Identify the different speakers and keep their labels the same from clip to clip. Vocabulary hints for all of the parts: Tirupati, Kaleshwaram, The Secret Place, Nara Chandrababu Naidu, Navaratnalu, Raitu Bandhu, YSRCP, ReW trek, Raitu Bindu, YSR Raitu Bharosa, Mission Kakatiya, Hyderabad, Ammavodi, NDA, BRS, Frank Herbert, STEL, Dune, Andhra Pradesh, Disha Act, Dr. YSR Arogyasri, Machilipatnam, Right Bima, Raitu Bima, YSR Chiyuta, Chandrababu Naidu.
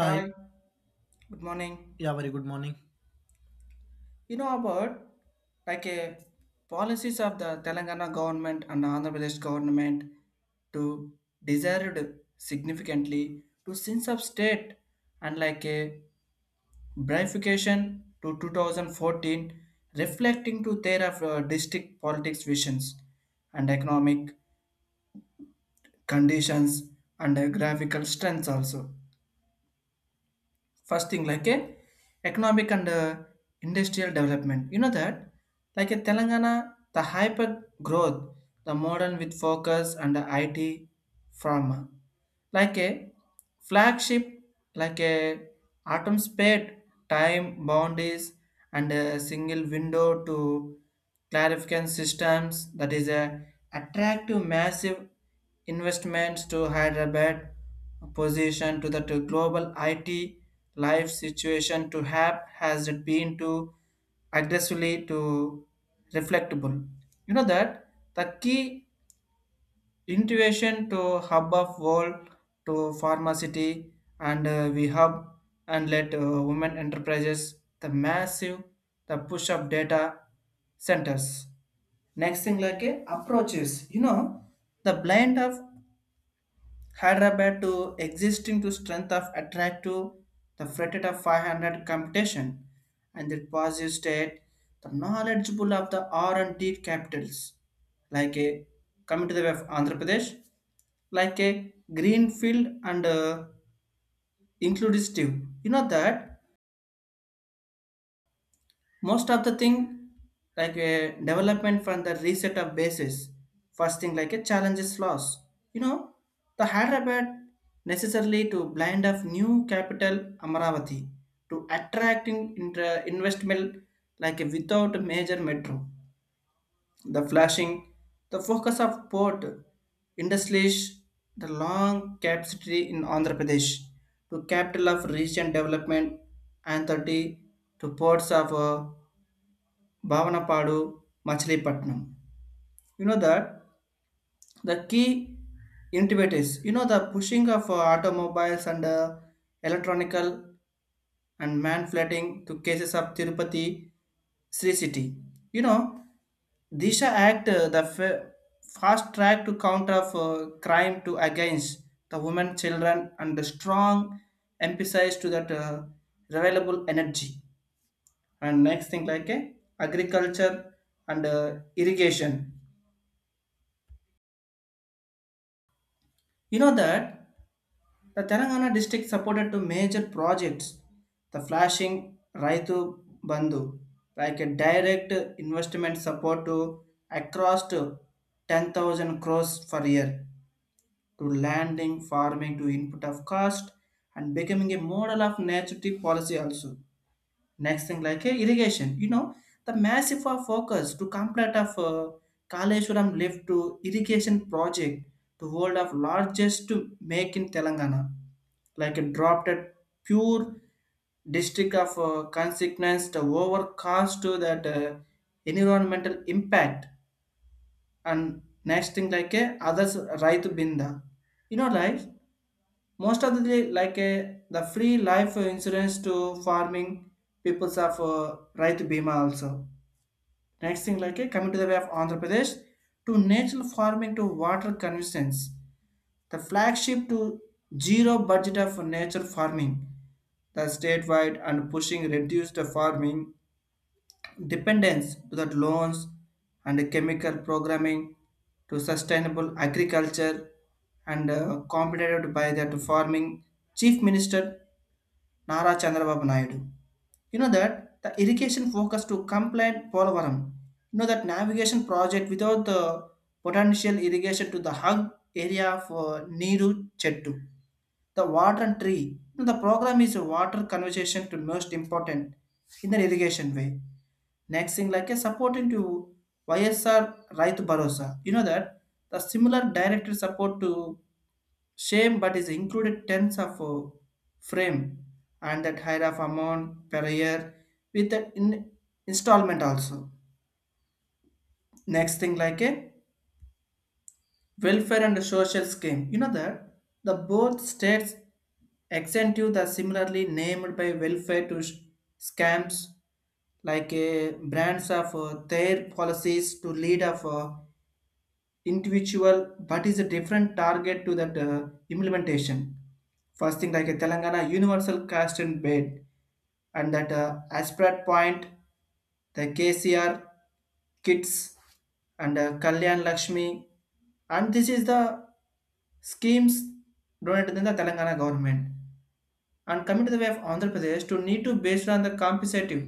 Speaker 1: Hi, good morning.
Speaker 2: yeah, very good morning.
Speaker 1: You know about like a policies of the Telangana government and Andhra Pradesh government to desired significantly to since of state and like a bifurcation to 2014 reflecting to their of district politics visions and economic conditions and graphical strengths also. First thing like a economic and industrial development, you know that like a telangana the hyper growth, the modern with focus and the it pharma like a flagship, like a atom spade, time boundaries, and a single window to clarification systems, that is a attractive massive investments to Hyderabad position to that global IT life situation to have has it been to aggressively to reflectable. You know that the key intuition to hub of world to pharmacity and we hub and let women enterprises the massive the push of data centers. Next thing like approaches, you know the blend of hyderabad to existing to strength of attractive the fretted of 500 computation and the positive state, the knowledgeable of the r&d capitals, like coming to the way of andhra pradesh like a green field and inclusive, you know that most of the thing like a development from the reset of basis. First thing like a challenges loss, you know the hyderabad necessarily to blind of new capital amaravati to attracting investment like a without major metro the flashing, the focus of port industries, the long capacity in Andhra Pradesh to capital of region development and 30 to ports of Bhavanapadu, Machilipatnam. You know that the key innovators, you know the pushing of automobiles and electronical and man-flatting to cases of Tirupati Sri City. You know, Disha Act, fast track to counter of crime to against the women, children, and the strong emphasis to that renewable energy. And next thing like agriculture and irrigation. You know that the Telangana district supported two major projects, the flashing Raitu Bandhu, like a direct investment support to across to 10,000 crores per year to landing, farming to input of cost and becoming a model of native policy also. Next thing like a irrigation, you know, the massive of focus to complete of Kaleshwaram lift to irrigation project, the world of largest to make in Telangana, like a dropped at pure district of consequence the over cost to that environmental impact. And next thing like a others right binda, you know right, most of the like a, the free life insurance to farming peoples of Raitu Bima also. Next thing like a, coming to the way of Andhra Pradesh to natural farming to water convenience, the flagship to zero budget of nature farming, the statewide and pushing reduce the farming dependence to the loans and the chemical programming to sustainable agriculture and completed by that farming chief minister Nara Chandrababu Naidu. You know that the irrigation focus to complaint Polavaram. You know that navigation project without the potential irrigation to the hug area for Niru Chettu. The water and tree. You know, the program is a water conservation to most important in the irrigation way. Next thing like a supporting to YSR Raitu Bharosa. You know that the similar direct support to Shame, but is included tens of frame and that higher of amount per year with the in installment also. Next thing like a welfare and social scheme. You know that the both states incentive the similarly named by welfare to scams like a brands of their policies to lead of individual but is a different target to that implementation. First thing like a telangana universal caste and bed and that aspirate point, the kcr kits and kalyan lakshmi, and this is the schemes donated in the Telangana government. And coming to the way of andhra pradesh to need to based on the compensative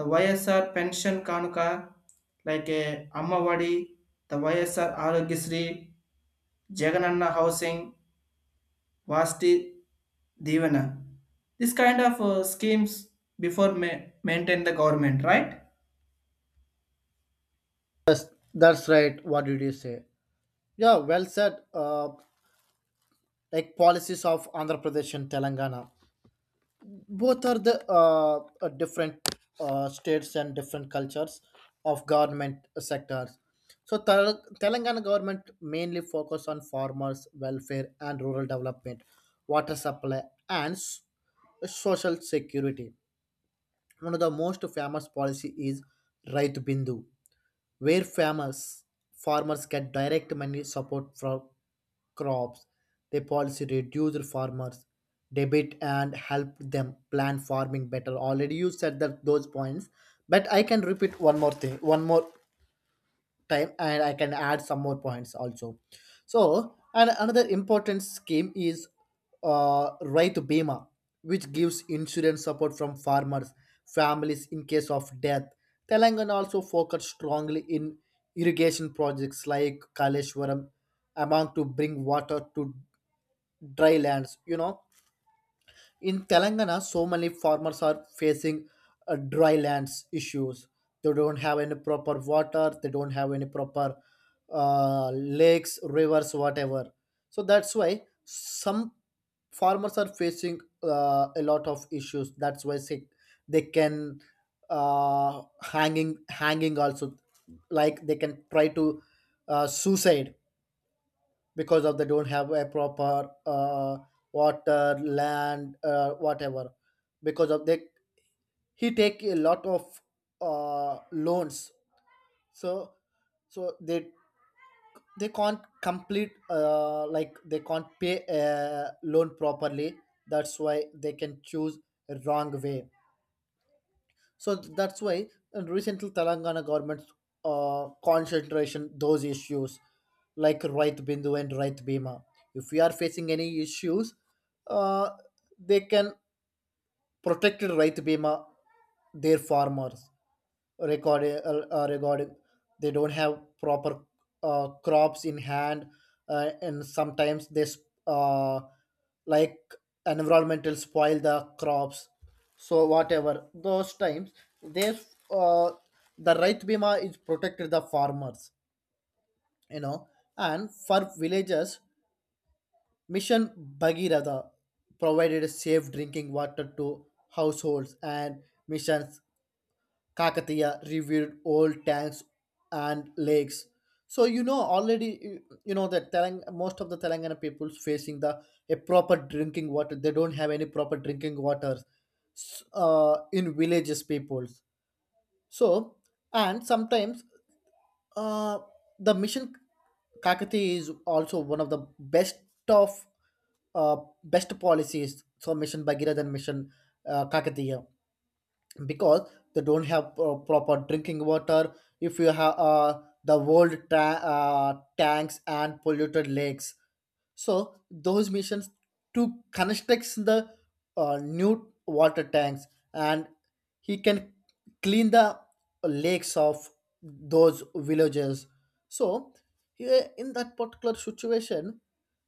Speaker 1: the YSR pension కానుక like a Ammavodi the YSR Aarogyasri Jagananna housing Vasathi Deevena, this kind of schemes before ma- maintain the government right.
Speaker 2: Yes, that's right. What did you say? Yeah, well said. Like policies of Andhra Pradesh and Telangana, both are the different states and different cultures of government sectors. So Telangana government mainly focus on farmers' welfare and rural development, water supply, and social security. One of the most famous policy is Raitu Bindu, where farmers get direct money support for crops. The policy reduces farmers' debit and help them plan farming better. Already you said that those points, but I can repeat one more thing, one more time, and I can add some more points also. So, and another important scheme is Right Bima, which gives insurance support from farmers, families in case of death. Telangana also focused strongly in irrigation projects like Kaleshwaram, among to bring water to dry lands. You know, in Telangana, so many farmers are facing dry lands issues. They don't have any proper water. They don't have any proper lakes, rivers, whatever. So that's why some farmers are facing a lot of issues. That's why say, they can hanging also, like they can try to suicide, because of they don't have a proper water land, whatever, because of they he take a lot of loans, so so they can't complete, like they can't pay a loan properly. That's why they can choose a wrong way. So that's why recently Telangana government's concentration those issues like right bindu and right bima. If we are facing any issues, uh, they can protect right bima their farmers record regarding they don't have proper crops in hand, and sometimes this uh, like environmental spoil the crops, so whatever those times they uh, the right bima is protected the farmers, you know. And for villagers, mission bhagirada provided safe drinking water to households, and missions Kakatiya reviewed old tanks and lakes. So you know, already you know that most of the Telangana people's facing the a proper drinking water. They don't have any proper drinking water in villages peoples. So and sometimes uh, the mission Kakati is also one of the best of uh, best policies. So mission Bagheera than mission Kakatiya, because they don't have proper drinking water. If you have the old tanks and polluted lakes, so those missions to construct the new water tanks, and he can clean the lakes of those villages. So here in that particular situation,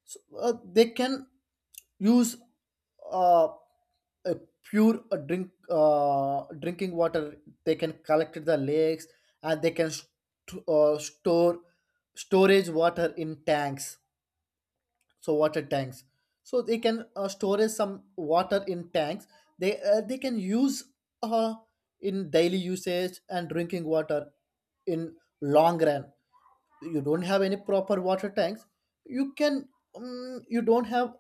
Speaker 2: so, they can use uh, a pure drinking water. They can collect at the lakes, and they can store storage water in tanks. So water tanks, so they can storage some water in tanks. They can use uh, in daily usage and drinking water. In long run, you don't have any proper water tanks, you can you don't have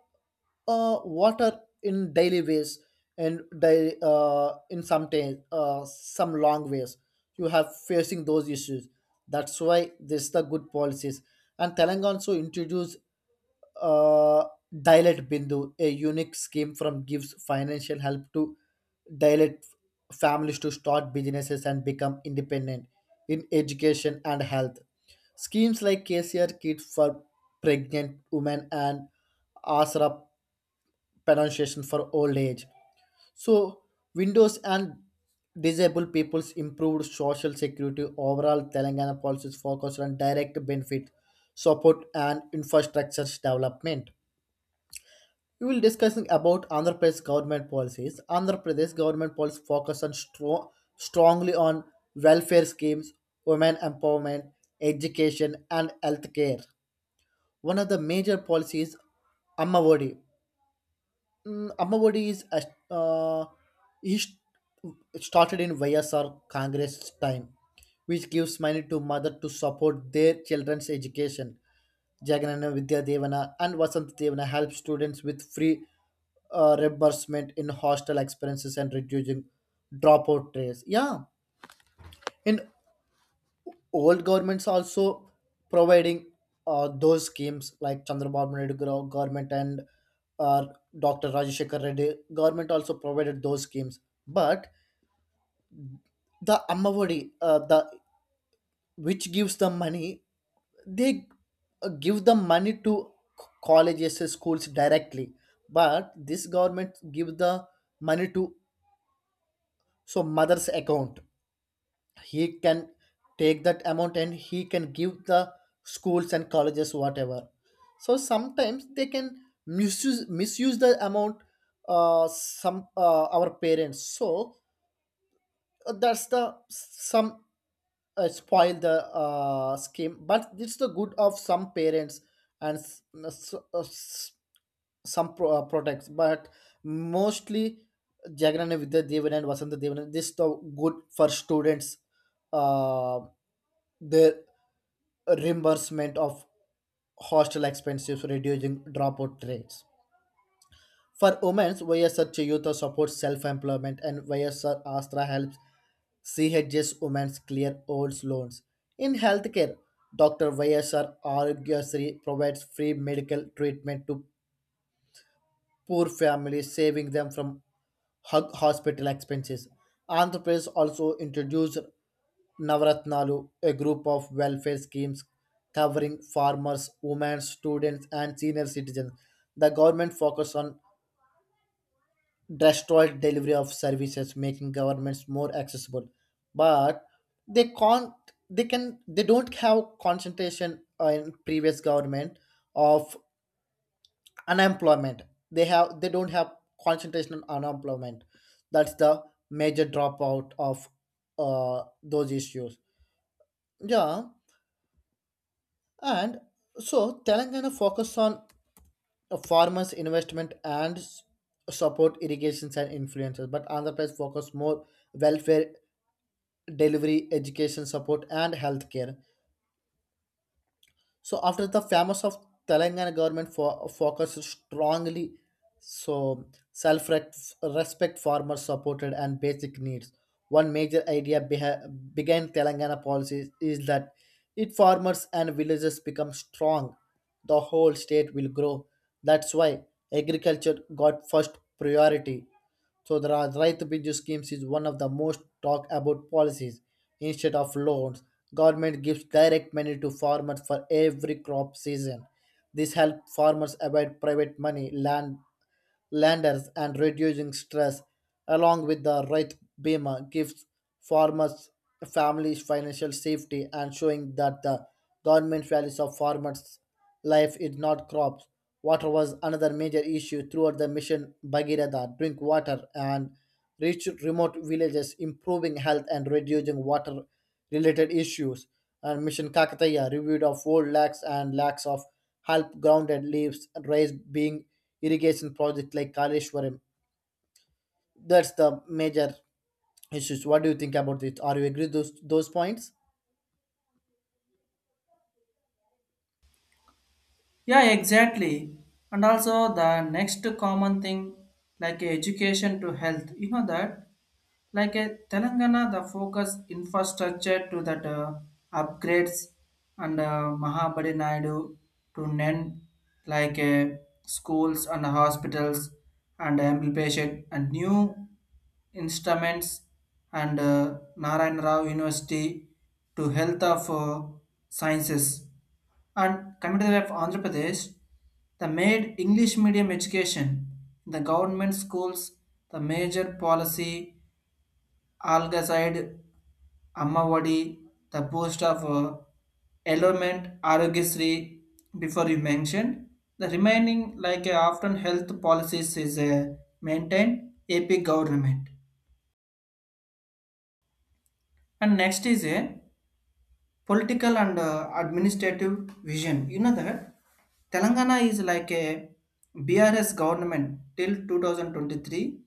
Speaker 2: water in daily ways, and in some days some long ways you have facing those issues. That's why this is the good policies. And telangana also introduced uh, dilate bindu, a unique scheme from gives financial help to dilate families to start businesses and become independent. In education and health, schemes like kcr kids for pregnant women, and asra pronunciation for old age. So, Windows and disabled people's improved social security. Overall, Telangana policies focused on direct benefit, support, and infrastructure development. We will discussing about Andhra Pradesh government policies. Andhra Pradesh government policies focus on strongly on welfare schemes, women empowerment, education, and healthcare. One of the major policies Amma Odi. Mm, Ammavodi is uh, he st- started in YSR Congress time, which gives money to mother to support their children's education. Jaganana Vidya Devana and Vasant Devana help students with free reimbursement in hostel expenses and reducing dropout rates. Yeah, in old governments also providing those schemes, like Chandrababu Naidu government, and uh, Dr. Rajeshekar Reddy government also provided those schemes. But the Ammavodi, the which gives the money, they give the money to colleges and schools directly. But this government give the money to so mother's account. He can take that amount and he can give the schools and colleges whatever. So sometimes they can misuse the amount, some our parents, so that's the some spoil the scheme, but it's the good of some parents and products. But mostly Jagran Vidya Devan and Vasanta Devan, this is the good for students. Uh, the reimbursement of hostel expenses, reducing dropout rates. For women, YSR Chiyuta supports self-employment, and YSR Astra helps CHS women clear old loans. In healthcare, Dr. YSR Arogyasri provides free medical treatment to poor families, saving them from hospital expenses. Andhra Pradesh also introduced Navaratnalu, a group of welfare schemes covering farmers, women, students, and senior citizens. The government focused on destroyed delivery of services, making governments more accessible. But they can't, they can, they don't have concentration in previous government of unemployment. They have, they don't have concentration on unemployment. That's the major dropout of those issues, yeah. And so telangana focus on farmers investment and support irrigations and influences, but andhra pradesh focus more welfare delivery, education support, and healthcare. So after the famous of Telangana government focused strongly, so self respect farmers supported and basic needs. One major idea behind Telangana policies is that if farmers and villages become strong, the whole state will grow. That's why agriculture got first priority. So the Raita Bindu schemes is one of the most talked about policies. Instead of loans, government gives direct money to farmers for every crop season. This helps farmers avoid private money, land landers, and reducing stress. Along with the right bima gives farmers families financial safety and showing that the government values of farmers life is not crops. Water was another major issue throughout the mission bhagirath drink water and reach remote villages, improving health and reducing water related issues. And Mission Kakataya reviewed of 4 lakhs and lakhs of help grounded leaves raised being irrigation project like Kaleshwaram. That's the major issues. What do you think about it? Are you agree those points?
Speaker 1: Yeah, exactly. And also the next common thing like education to health, you know that like a Telangana, the focus infrastructure to that upgrades and Mahabadi Naidu to NEN, like schools and hospitals and implementation and new instruments and Narayan Rao University to health of sciences. And coming to the of Andhra Pradesh, the made English medium education, the government schools, the major policy Alga side, Ammavadi, the post of Element Arogisri, before you mentioned. The remaining, like often health policies, is maintained AP government. And next is a political and administrative vision. You know that Telangana is like a BRS government till 2023.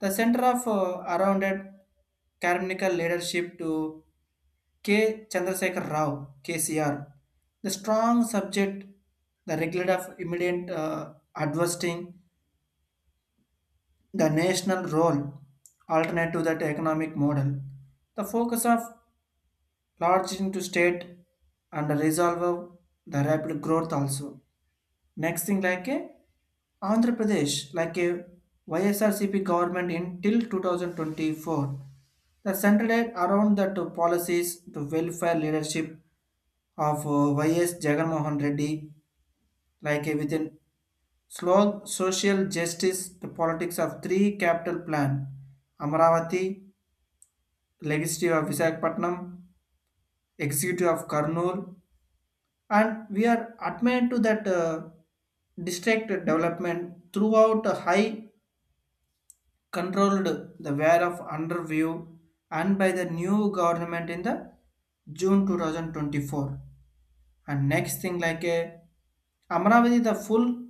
Speaker 1: The center of arounded Karmical leadership to K. Chandrasekhar Rao, KCR, the strong subject, the regulator of immediate adversing the national role, alternate to that economic model, the focus of large into state and the resolve of the rapid growth also. Next thing like a Andhra Pradesh, like a YSRCP government in till 2024, the centered around the 2 policies, the welfare leadership of YS Jagannathan Reddy, like a within slow social justice, the politics of 3 capital plan, Amaravati, legislative of Visakhapatnam, executive of Karnool, and we are admired to that district development throughout a high controlled the wear of underview and by the new government in the June 2024. And next thing like a Amravati the full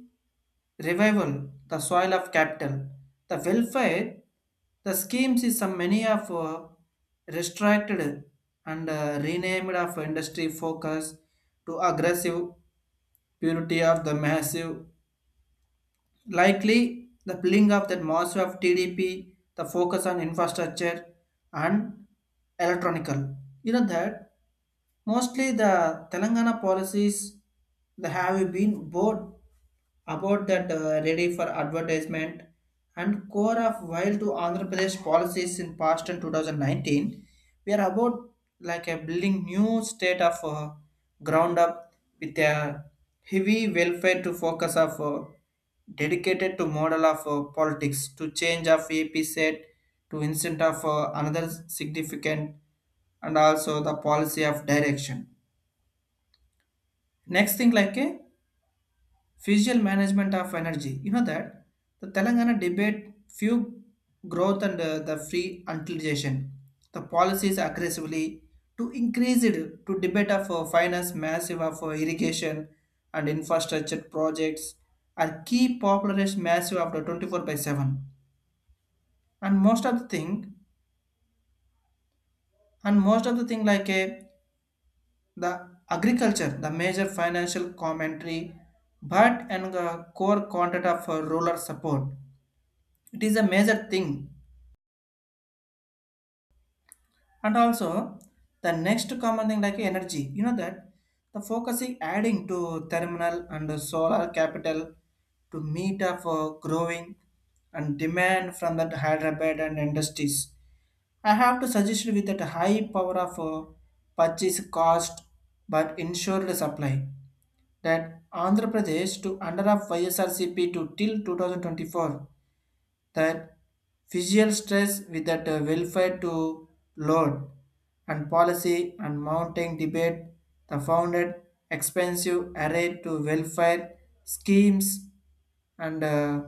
Speaker 1: revival, the soil of capital, the welfare, the schemes is some many of restricted and renamed of industry focus to aggressive purity of the massive, likely the billing of that massive of TDP, the focus on infrastructure and electronical. You know that mostly the Telangana policies they have been bored about that ready for advertisement and core of while to Andhra Pradesh policies in past and 2019, we are about like a building new state of ground up with a heavy welfare to focus of dedicated to model of politics to change of AP set to instant of another significant and also the policy of direction. Next thing like a physical management of energy. You know that the Telangana debate few growth and the free utilization. The policies aggressively to increase it to debate of finance massive of irrigation and infrastructure projects are key populist massive of the 24 by 7 and most of the thing like a the agriculture the major financial commentary but and the core content of rural support, it is a major thing. And also the next common thing like energy, you know that the focusing adding to terminal and the solar capital to meet up for growing and demand from the hyderabad and industries. I have to suggest you with that high power of purchase cost but insured supply that andhra pradesh to under of ysrcp to till 2024, that visual stress with that welfare to load and policy and mounting debate the founded expensive array to welfare schemes and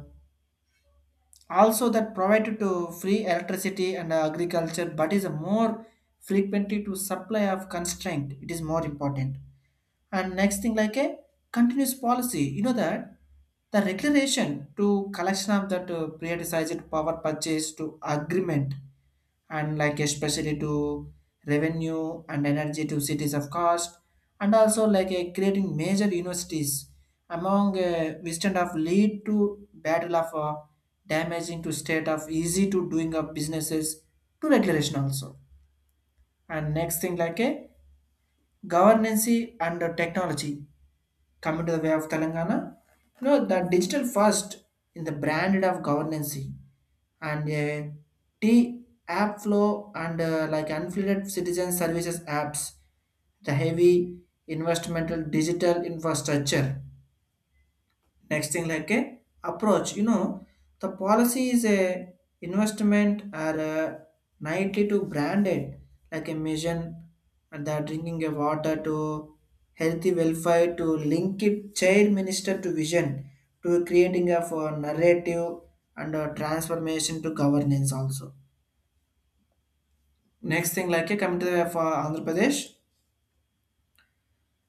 Speaker 1: also that provided to free electricity and agriculture but is a more frequently to supply of constraint, it is more important. And next thing like a continuous policy, you know that the declaration to collection of that privatized power purchase to agreement and like especially to revenue and energy to cities of cost and also like a creating major universities among wisdom of lead to battle of damaging to state of easy to doing of businesses to regulation also. And next thing like a governance and technology, coming to the way of Telangana, you know, the digital first in the branded of governance and T app flow and like unfiltered citizen services apps, the heavy investmental digital infrastructure. Next thing like a approach, you know the policy is a investment or a nightly to branded like a mission and they drinking a water to healthy welfare to link it child minister to vision to creating a for narrative and a transformation to governance also. Next thing like a coming to the for andhra pradesh,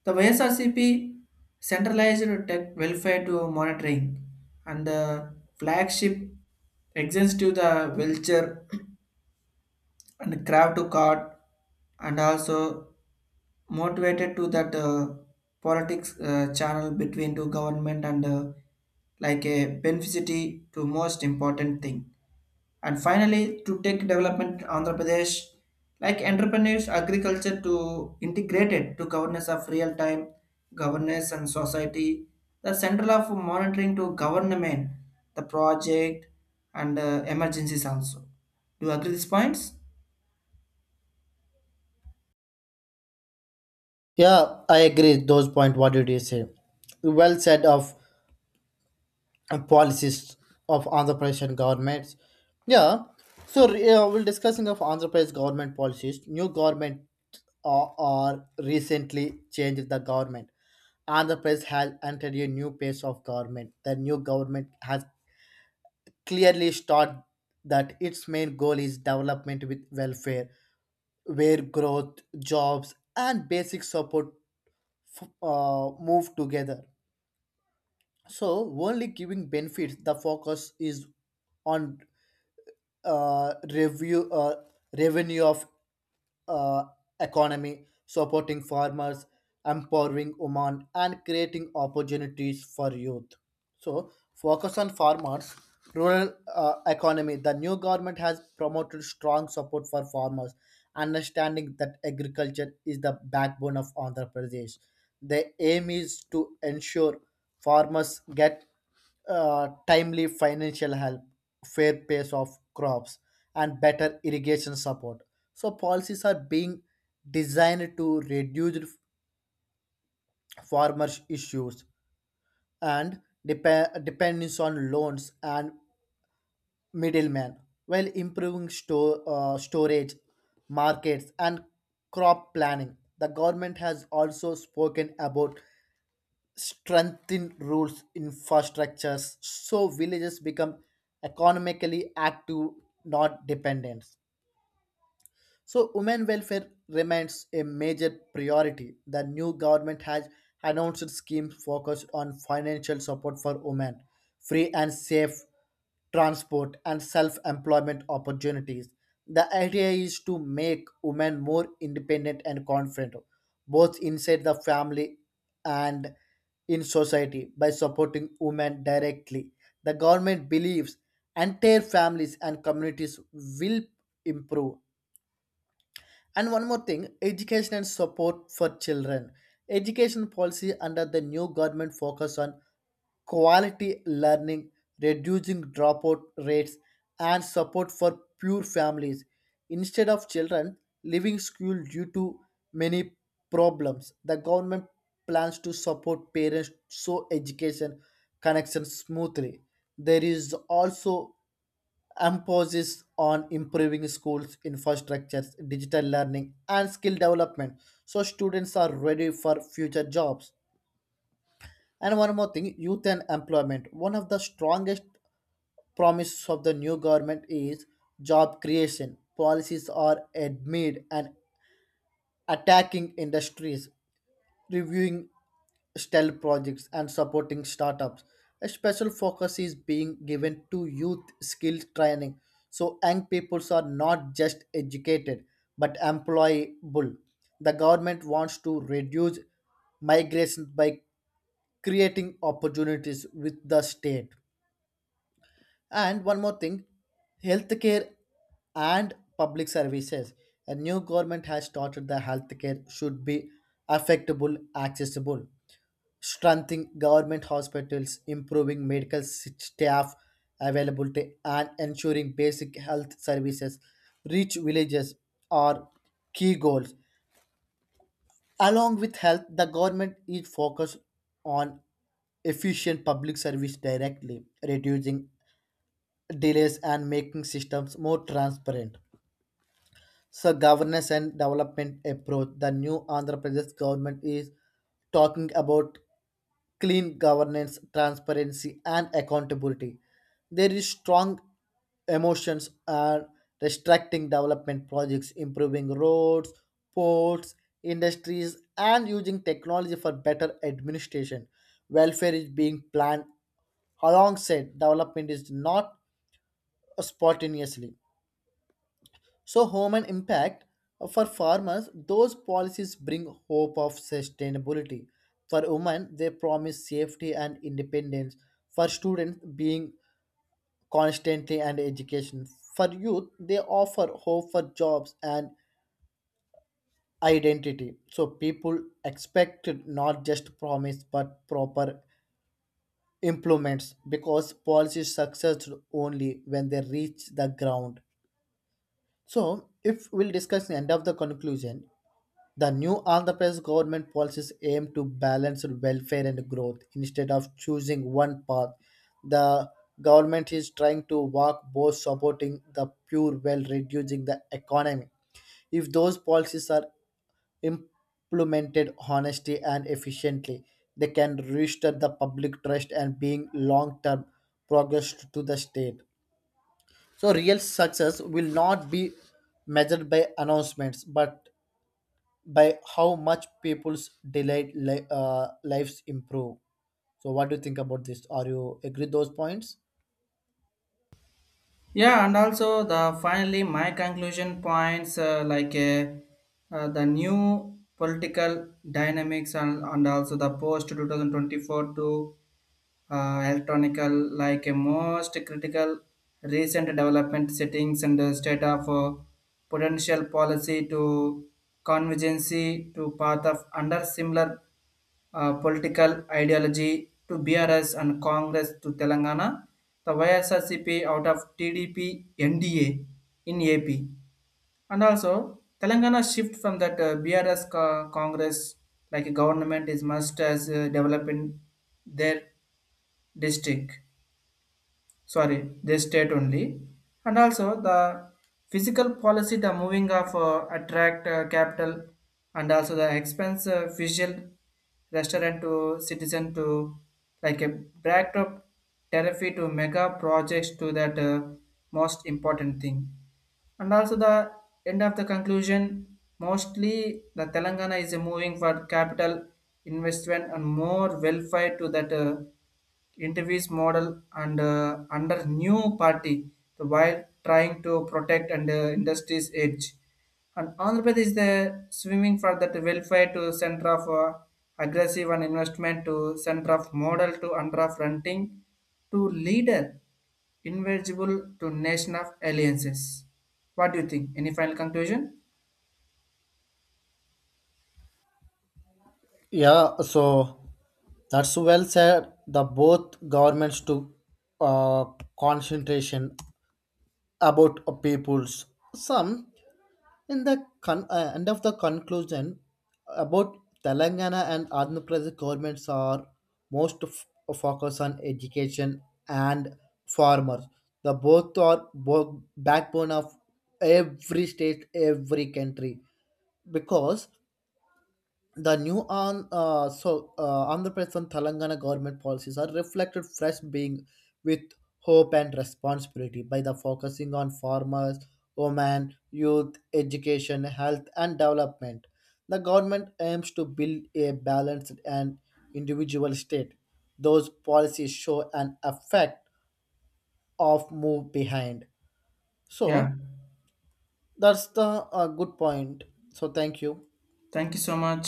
Speaker 1: the YSRCP centralized tech welfare to monitoring and the flagship extends to the wheelchair and crowd to card and also motivated to that politics channel between to government and like a beneficiary to most important thing. And finally, to take development, Andhra Pradesh, like entrepreneurs, agriculture to integrated to governance of real time governance and society, the central of monitoring to government, the project, and emergencies also. Do you agree these points?
Speaker 2: Yeah, I agree those point. What did you say? Well said of and policies of Andhra Pradesh and governments. Yeah, so we're discussing of Andhra Pradesh government policies. New government or recently changed the government. Andhra Pradesh has entered a new phase of government. The new government has clearly stated that its main goal is development with welfare, where growth, jobs, and basic support move together. So, only giving benefits, the focus is on review revenue of uh, economy, supporting farmers, empowering women, and creating opportunities for youth. So, focus on farmers, rural economy. The new government has promoted strong support for farmers, understanding that agriculture is the backbone of Andhra Pradesh. The aim is to ensure farmers get timely financial help, fair pace of crops, and better irrigation support. So policies are being designed to reduce farmers' issues and dependence on loans and middlemen, while improving store storage, markets, and crop planning. The government has also spoken about strengthen rules infrastructures so villages become economically active, not dependent. So, women welfare remains a major priority. The new government has announced schemes focused on financial support for women, free and safe transport, and self employment opportunities. The idea is to make women more independent and confident, both inside the family and in society, by supporting women directly. The government believes entire families and communities will improve. And one more thing, education and support for children. Education policy under the new government focus on quality learning, reducing dropout rates, and support for poor families, instead of children leaving school due to many problems. The government plans to support parents so education connects smoothly. There is also emphasis on improving schools infrastructures, digital learning, and skill development, so students are ready for future jobs. And one more thing, youth and employment. One of the strongest promises of the new government is job creation. Policies are amid and attacking industries, reviewing STEL projects and supporting startups. A special focus is being given to youth skills training, so young peoples are not just educated but employable. The government wants to reduce migration by creating opportunities with the state. And one more thing, healthcare and public services. A new government has started the healthcare should be affectable, accessible. Strengthening government hospitals, improving medical staff availability, and ensuring basic health services reach villages are key goals. Along with health, the government is focused on efficient public service directly, reducing delays and making systems more transparent. So governance and development approach. The new Andhra Pradesh government is talking about clean governance, transparency, and accountability. There is strong emotions are restricting development projects, improving roads, ports, industries, and using technology for better administration. Welfare is being planned alongside development, is not spontaneously. So, home and impact for farmers, those policies bring hope of sustainability. For women, they promise safety and independence. For students, being constantly and education. For youth, they offer hope for jobs and identity. So, people expect not just promise but proper implements, because policies success only when they reach the ground. So, if we'll discuss the end of the conclusion, the new Andhra Pradesh government policies aim to balance welfare and growth instead of choosing one path. The government is trying to walk both, supporting the poor while reducing the economy. If those policies are implemented honestly and efficiently, they can restore the public trust and bring long-term progress to the state. So real success will not be measured by announcements but by how much people's delayed lives improve. So, what do you think about this? Are you agree those points?
Speaker 1: Yeah, and also the finally my conclusion points the new political dynamics and also the post 2024 to electronical like a most critical recent development settings and the state of potential policy to convergency to path of under similar political ideology to BRS and Congress to Telangana, the YSRCP out of TDP NDA in AP. And also, Telangana shift from that Congress like government is must as developing their district sorry the state only. And also the physical policy the moving of attract capital and also the expense visual restaurant to citizen to like a backdrop therapy to mega projects to that most important thing. And also the end of the conclusion, mostly the telangana is moving for capital investment and more welfare to that interviews model and under new party, the while trying to protect and industry's edge. And andhra pradesh is the swimming for that welfare to center of aggressive and investment to center of model to under of renting to leader invaluable to nation of alliances. What do you think? Any final conclusion?
Speaker 2: Yeah, so that's well said. The both governments to uh, concentration about a peoples. Some in the end of the conclusion about Telangana and Andhra Pradesh governments are most focused on education and farmers. The both are backbone of every state, every country. Because the new on so Andhra Pradesh and Telangana government policies are reflected fresh being with hope and responsibility by the focusing on farmers, women, youth, education, health, and development. The government aims to build a balanced and individual state. Those policies show an effect of move behind.
Speaker 1: Yeah.
Speaker 2: So that's the good point. So thank you.
Speaker 1: Thank you so much.